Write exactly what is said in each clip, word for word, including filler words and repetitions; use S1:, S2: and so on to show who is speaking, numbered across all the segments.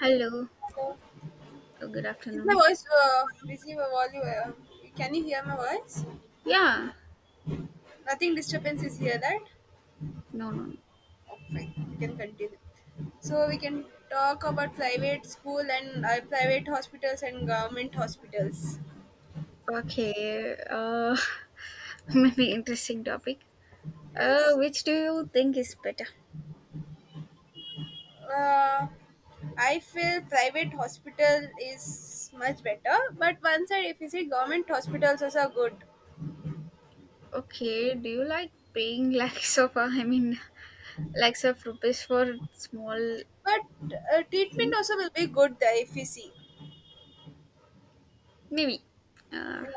S1: Hello.
S2: Hello.
S1: Oh, good
S2: Is my
S1: afternoon.
S2: voice uh, busy? My volume. Uh, can you hear my voice?
S1: Yeah.
S2: Nothing disturbance is here, right?
S1: No, no, no.
S2: Oh, fine. We can continue. So we can talk about private school and uh, private hospitals and government hospitals.
S1: Okay. Uh, maybe interesting topic. Uh,
S2: Yes.
S1: which do you think is better?
S2: Uh, I feel private hospital is much better, but one side if you see government hospitals also are good,
S1: Okay. Do you like paying lakhs of, uh, I mean, lakhs of rupees for small
S2: but uh, treatment
S1: thing?
S2: also will be good there if you see.
S1: Maybe. Uh,
S2: Yeah.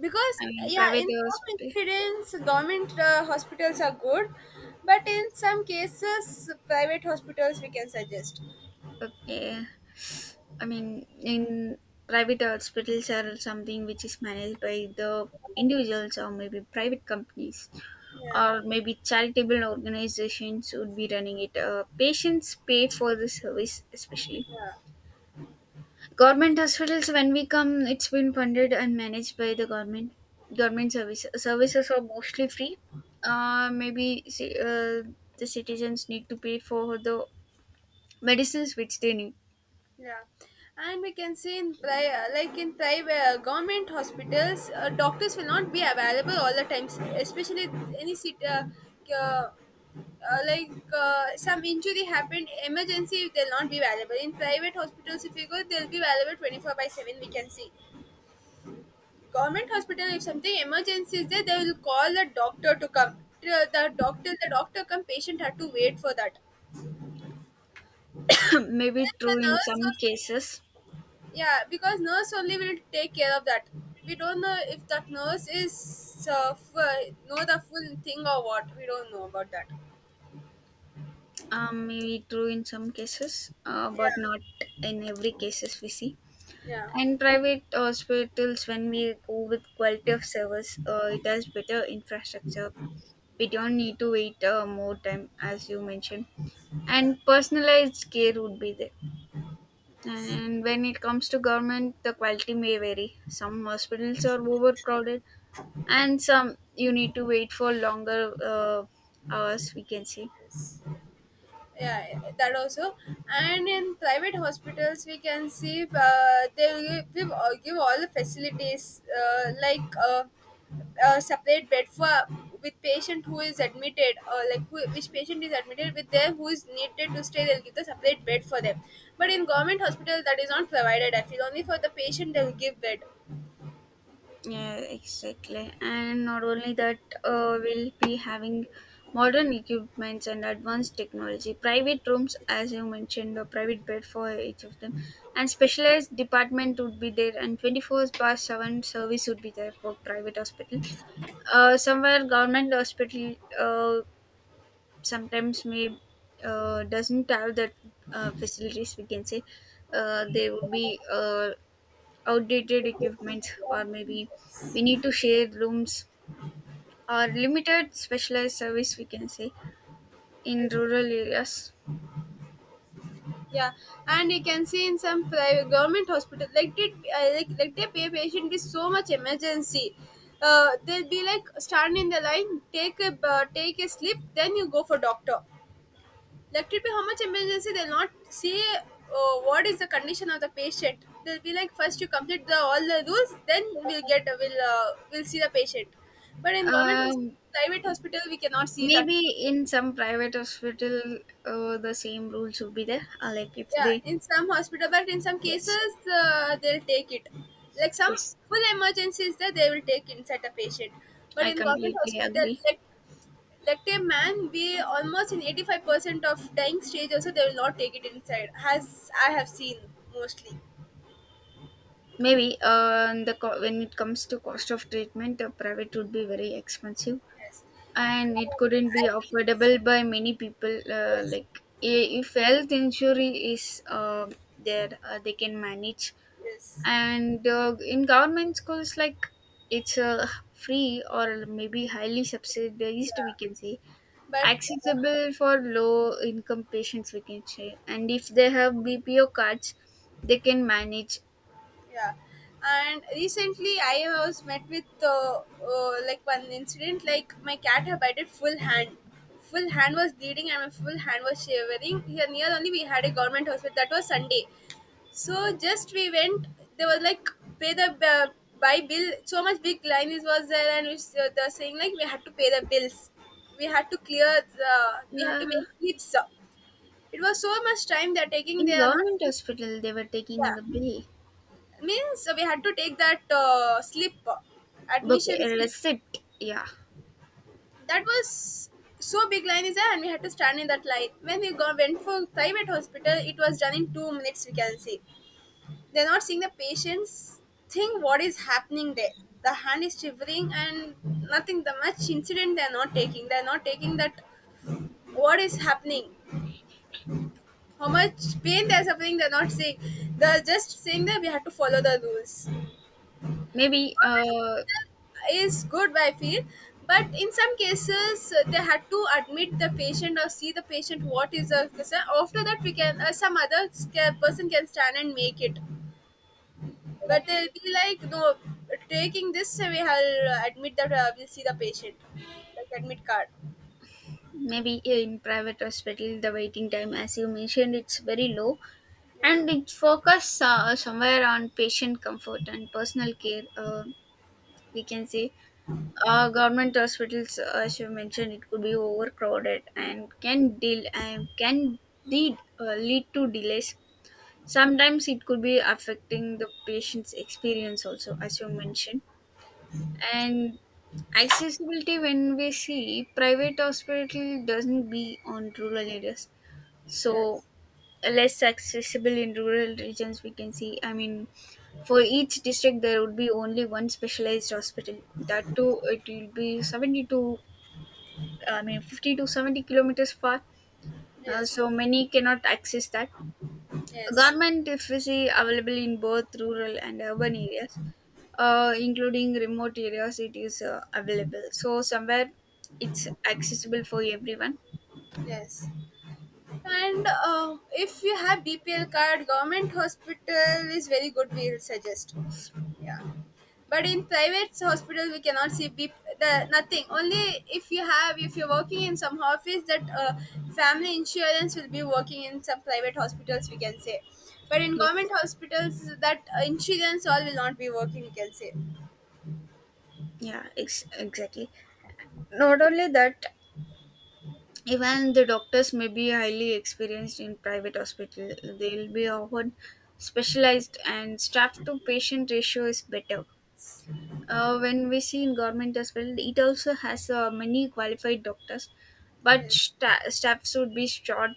S2: Because
S1: I mean,
S2: yeah,
S1: private
S2: in some
S1: hospital.
S2: incidents government uh, hospitals are good, but in some cases private hospitals we can suggest.
S1: Okay. I mean, in private hospitals are something which is managed by the individuals or maybe private companies.
S2: yeah
S1: Or maybe charitable organizations would be running it. Uh, patients pay for the service, especially
S2: yeah
S1: government hospitals. When we come, it's been funded and managed by the government. Government service services are mostly free. Uh, maybe ci- uh, the citizens need to pay for the medicines which they need.
S2: yeah And we can see in pri- uh, like in private uh, government hospitals, uh, doctors will not be available all the times, especially any sit- uh, uh, uh, like uh, some injury happened, emergency, they'll not be available. In private hospitals if you go they'll be available twenty-four by seven, we can see. Government hospital, if something emergency is there they will call the doctor to come. Till the doctor the doctor come, patient had to wait for that. And
S1: Maybe
S2: then
S1: true
S2: the
S1: in
S2: nurse
S1: some
S2: also,
S1: cases.
S2: yeah, because nurse only will take care of that. We don't know if that nurse is uh, f- uh, know the full thing or what, we don't know about that.
S1: Um, maybe true in some cases, uh, but
S2: yeah
S1: not in every cases we see.
S2: yeah
S1: And private hospitals, when we go with quality of service, uh, it has better infrastructure. We don't need to wait uh, more time, as you mentioned.
S2: yeah
S1: And personalized care would be there. And when it comes to government, the quality may vary. Some hospitals are overcrowded, and some you need to wait for longer uh, hours, we can say.
S2: yeah that also. And in private hospitals we can see, uh, they give, uh, give all the facilities, uh, like uh, a separate bed for with patient who is admitted, or like who, which patient is admitted with them who is needed to stay, they'll give the separate bed for them. But in government hospital that is not provided, I feel only for the patient they'll give bed.
S1: Yeah, exactly. And not only that, uh, we'll be having modern equipments and advanced technology. Private rooms, as you mentioned, a private bed for each of them, and specialized department would be there, and twenty four by seven service would be there for private hospital. Uh, somewhere government hospital, uh, sometimes may uh, doesn't have that uh, facilities. We can say, uh, they would be uh, outdated equipment or maybe we need to share rooms or limited specialized service, we can say, in
S2: Yes.
S1: rural areas.
S2: Yeah, and you can see in some private government hospital, like did uh, like, like they pay patient with so much emergency, uh, they'll be like stand in the line, take a uh, take a slip, then you go for doctor. Like it be how much emergency, they'll not see uh, what is the condition of the patient. They'll be like, first you complete the all the rules, then we'll get we'll uh, we'll see the patient. But in government hos-
S1: um,
S2: private hospital we cannot see that.
S1: Maybe in some private hospital uh, the same rules would be there, uh, like if
S2: Yeah,
S1: they.
S2: in some hospital, but in some
S1: Yes.
S2: cases uh, they'll take it, like some
S1: Yes,
S2: full emergencies there they will take inside a patient. But
S1: I
S2: in government
S1: completely
S2: hospital,
S1: agree.
S2: like like a man, we almost in eighty-five percent of dying stage also they will not take it inside, as I have seen mostly.
S1: Maybe uh, the co- when it comes to cost of treatment, the private would be very expensive,
S2: Yes.
S1: and it
S2: uh,
S1: couldn't be
S2: I,
S1: affordable by many people, uh,
S2: yes.
S1: like i- if health insurance is uh, there, uh, they can manage.
S2: Yes.
S1: And uh, in government schools, like it's uh, free or maybe highly subsidized,
S2: Yeah,
S1: we can say,
S2: but uh,
S1: accessible for low income patients, we can say, and if they have B P O cards they can manage.
S2: yeah. And recently I was met with uh, uh, like one incident, like my cat had bited full hand, full hand was bleeding and my full hand was shivering. Here near only we had a government hospital, that was Sunday, so just we went. There was like, pay the uh, buy bill, so much big line is was there. And it's, uh, they're saying like we had to pay the bills, we had to clear the, we had to
S1: uh,
S2: make heaps. It was so much time they're taking,
S1: in
S2: they are not.
S1: government hospital they were taking
S2: Yeah,
S1: the bill,
S2: means we had to take that uh, slip,
S1: book
S2: admission
S1: a
S2: slip.
S1: receipt, yeah.
S2: That was, so big line is there and we had to stand in that line. When we go, went for private hospital it was done in two minutes, we can see. They're not seeing the patients, think what is happening there. The hand is shivering and nothing, the much incident they're not taking, they're not taking that, what is happening, how much pain they're suffering, they're not saying. They're just saying that we have to follow the rules
S1: maybe uh
S2: is good, I feel. But in some cases uh, they had to admit the patient or see the patient what is the concern, after that we can uh, some other sca- person can stand and make it. But they'll be like no, taking this uh, we will admit that, uh, we'll see the patient, like admit card.
S1: Maybe in private hospital, the waiting time, as you mentioned, it's very low,
S2: Yeah.
S1: and it focus uh, somewhere on patient comfort and personal care, uh, we can say. Uh, government hospitals, uh, as you mentioned, it could be overcrowded and can deal and can lead, uh, lead to delays. Sometimes it could be affecting the patient's experience also, as you mentioned. And accessibility, when we see private hospital doesn't be on rural areas, so
S2: Yes.
S1: less accessible in rural regions, we can see. I mean, for each district there would be only one specialized hospital. That too, it will be seventy to, I mean, fifty to seventy kilometers far. Uh,
S2: Yes.
S1: so many cannot access that.
S2: Yes.
S1: Government, if available in both rural and urban areas, uh, including remote areas, it is uh, available. So somewhere it's accessible for everyone.
S2: Yes. And uh, if you have B P L card, government hospital is very good, we will suggest. Yeah, but in private hospital we cannot see B- P, the nothing. Only if you have, if you're working in some office that uh, family insurance will be working in some private hospitals, we can say. But in
S1: Yes.
S2: government hospitals that uh, insurance all will not be working, we can say.
S1: Yeah, ex- exactly. Not only that, even the doctors may be highly experienced in private hospital. They'll be often specialized, and staff to patient ratio is better. Uh, when we see in government hospital, it also has uh, many qualified doctors, but
S2: Yes.
S1: sta- staffs would be short,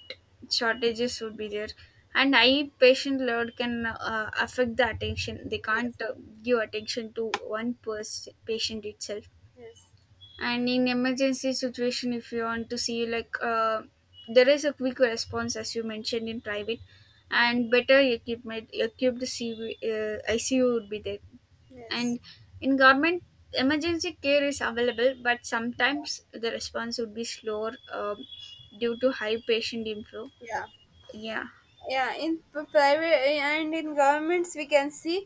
S1: shortages would be there, and high patient load can uh, affect the attention. They
S2: Yes.
S1: can't uh, give attention to one person patient itself.
S2: Yes.
S1: And in emergency situation, if you want to see, like uh, there is a quick response, as you mentioned, in private,
S2: Yeah.
S1: and better equipment equipped C V, uh, I C U would be there. And
S2: Yes.
S1: in government, emergency care is available but sometimes the response would be slower, um, due to high patient inflow.
S2: Yeah.
S1: Yeah.
S2: Yeah, in p- private and in governments we can see,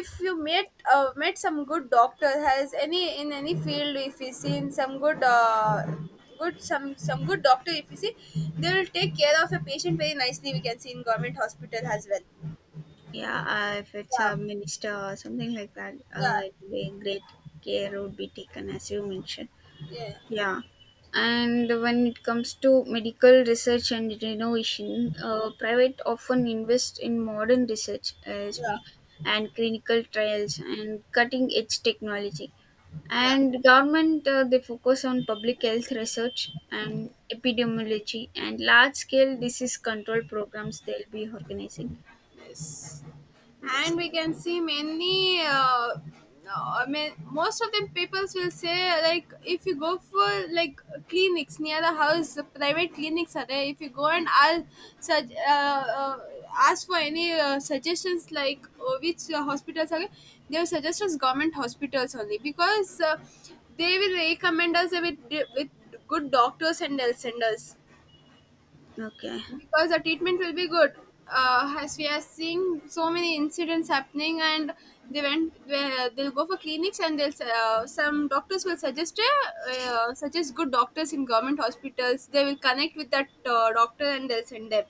S2: if you met uh, met some good doctor, has any in any field, if you see in some good uh, good some some good doctor if you see, they will take care of a patient very nicely, we can see in government hospital as well.
S1: Yeah, uh, if it's
S2: Yeah.
S1: a minister or something like that, uh,
S2: Yeah.
S1: it would be great. Care would be taken, as you mentioned.
S2: Yeah.
S1: Yeah. And when it comes to medical research and innovation, uh, private often invest in modern research as well,
S2: Yeah.
S1: and clinical trials and cutting edge technology.
S2: Yeah.
S1: And government uh, they focus on public health research and epidemiology and large scale disease control programs they'll be organizing.
S2: Yes.
S1: Yes.
S2: And we can see many. Uh, no, I mean, most of the peoples will say like, if you go for like clinics near the house, the private clinics are there. If you go and ask, such, uh, uh, ask for any uh, suggestions, like uh, which uh, hospitals are there, they will suggest us government hospitals only, because uh, they will recommend us with with good doctors and they'll send us,
S1: Okay.
S2: because the treatment will be good. Uh, as we are seeing so many incidents happening, and they went where they'll go for clinics, and they'll uh, some doctors will suggest uh, uh, suggest good doctors in government hospitals. They will connect with that uh, doctor and they'll send them,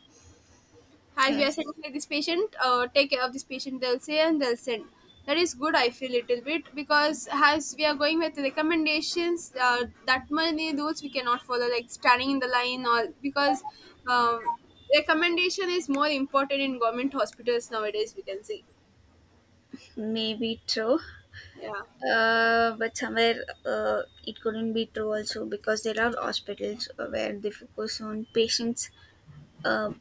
S2: as we are
S1: Yes.
S2: sending like this patient, uh, take care of this patient they'll say, and they'll send. That is good I feel, little bit, because as we are going with recommendations, uh, that many rules we cannot follow like standing in the line, or because um, recommendation is more important in government hospitals nowadays, we can see.
S1: Maybe true.
S2: Yeah,
S1: Uh, but somewhere uh, it couldn't be true also, because there are hospitals where they focus on patients, uh,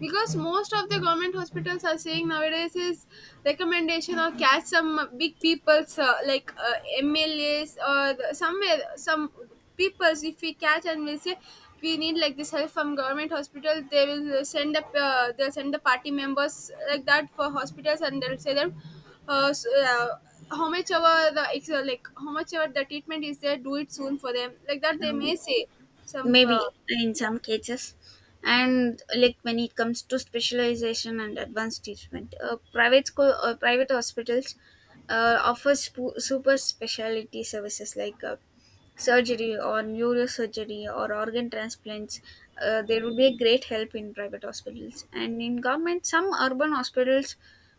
S2: because most of the government hospitals are saying nowadays is recommendation, or catch some big people's uh, like uh, MLAs or the, somewhere some people's if we catch and we say, we need like this help from government hospital, they will send up uh, they'll send the party members like that for hospitals and they'll say them, uh, s uh, how much our the ex- uh, like how much our the treatment is there, do it soon for them like that, they may
S1: um,
S2: say some
S1: maybe
S2: uh,
S1: in
S2: yeah.
S1: some cases. And, like, when it comes to specialization and advanced treatment, uh, private school uh, private hospitals uh, offers sp- super specialty services, like uh, surgery or neurosurgery or organ transplants. Uh, there would be a great help in private hospitals. And in government, some urban hospitals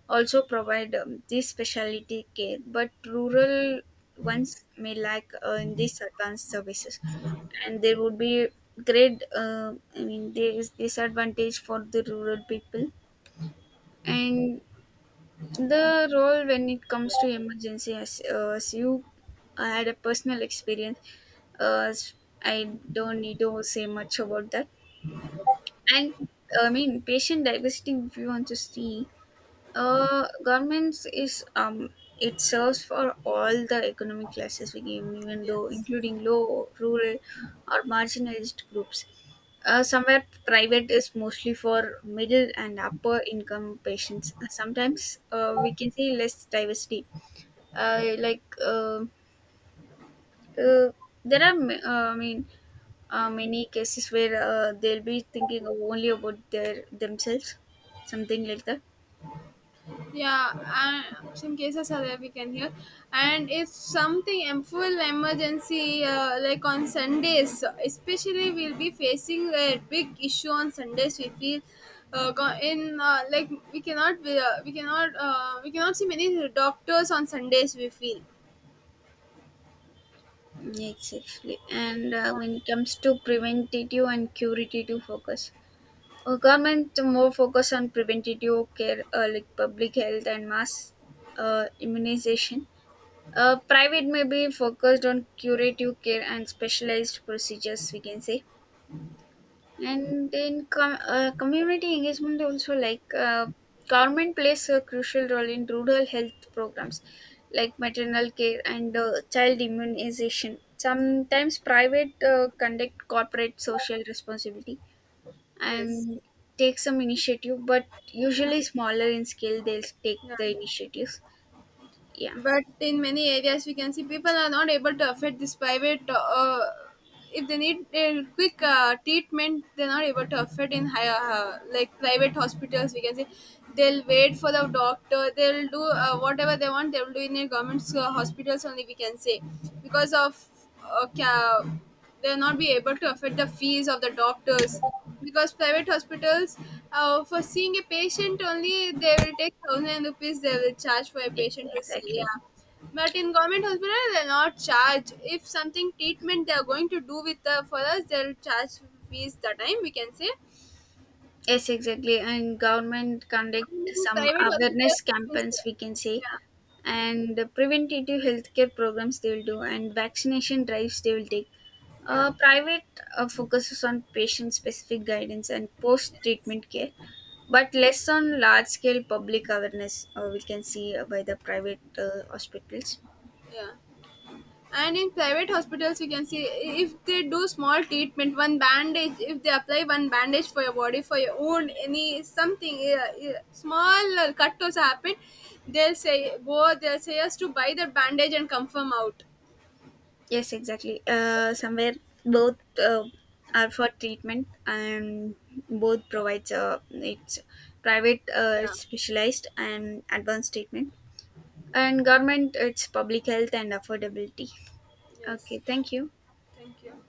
S1: also provide um, this specialty care, but rural ones may lack uh, in these advanced services, and there would be great, uh, I mean, there is disadvantage for the rural people. And the role, when it comes to emergency, as, uh, as you I had a personal experience. uh, s- I don't need to say much about that. And I mean, patient diversity, if you want to see, uh, governments is, um it serves for all the economic classes we give, even though
S2: Yes.
S1: including low, rural, or marginalized groups. Uh, somewhere private is mostly for middle and upper income patients. Sometimes uh, we can say less diversity. Uh, like, uh, uh, there are ma- uh, I mean, uh, many cases where uh, they'll be thinking of only about their themselves, something like that.
S2: Yeah, and some cases are there we can hear. And if something em- full emergency, uh, like on Sundays especially, we'll be facing a big issue on Sundays we feel. Uh, go- in uh, like We cannot we, uh, we cannot uh, we cannot see many doctors on Sundays we feel.
S1: Exactly. And uh, when it comes to preventative and curative focus, our government more focus on preventative care, uh, like public health and mass uh, immunization. Uh, private may be focused on curative care and specialized procedures, we can say. And in com- uh, community engagement also, like uh, government plays a crucial role in rural health programs, like maternal care and uh, child immunization. Sometimes private uh, conduct corporate social responsibility
S2: Yes.
S1: and take some initiative, but usually smaller in scale. They'll take
S2: Yeah,
S1: the initiatives. Yeah,
S2: but in many areas we can see people are not able to afford this private uh, if they need a quick uh, treatment, they're not able to afford in higher uh, like private hospitals we can say. They'll wait for the doctor, they'll do uh, whatever they want they'll do in a government uh, hospitals only we can say. Because of uh, ca- they'll not be able to afford the fees of the doctors, because private hospitals, uh, for seeing a patient only they will take thousand rupees, they will charge for a
S1: yes,
S2: patient to see,
S1: exactly.
S2: yeah. But in government hospital they'll not charge, if something treatment they are going to do with the for us they'll charge fees the time we can say.
S1: Yes, exactly. And government conduct
S2: And in
S1: some
S2: private
S1: awareness
S2: hospitals we can
S1: campaigns,
S2: say,
S1: we can say,
S2: yeah.
S1: and preventative healthcare programs they will do, and vaccination drives they will take.
S2: Yeah.
S1: Uh, private uh, focuses on patient specific guidance and post treatment care, but less on large scale public awareness, uh, we can see, uh, by the private uh, hospitals.
S2: Yeah. And in private hospitals you can see, if they do small treatment, one bandage, if they apply one bandage for your body for your wound, any something uh, uh, small uh, cut also happen, they'll say go, they'll say us to buy the bandage and come from out.
S1: Yes, exactly. Uh, somewhere both uh, are for treatment, and both provides uh, it's private, uh,
S2: Yeah.
S1: it's specialized and advanced treatment, and government it's public health and affordability. Okay,
S2: Yes,
S1: thank you.
S2: thank you.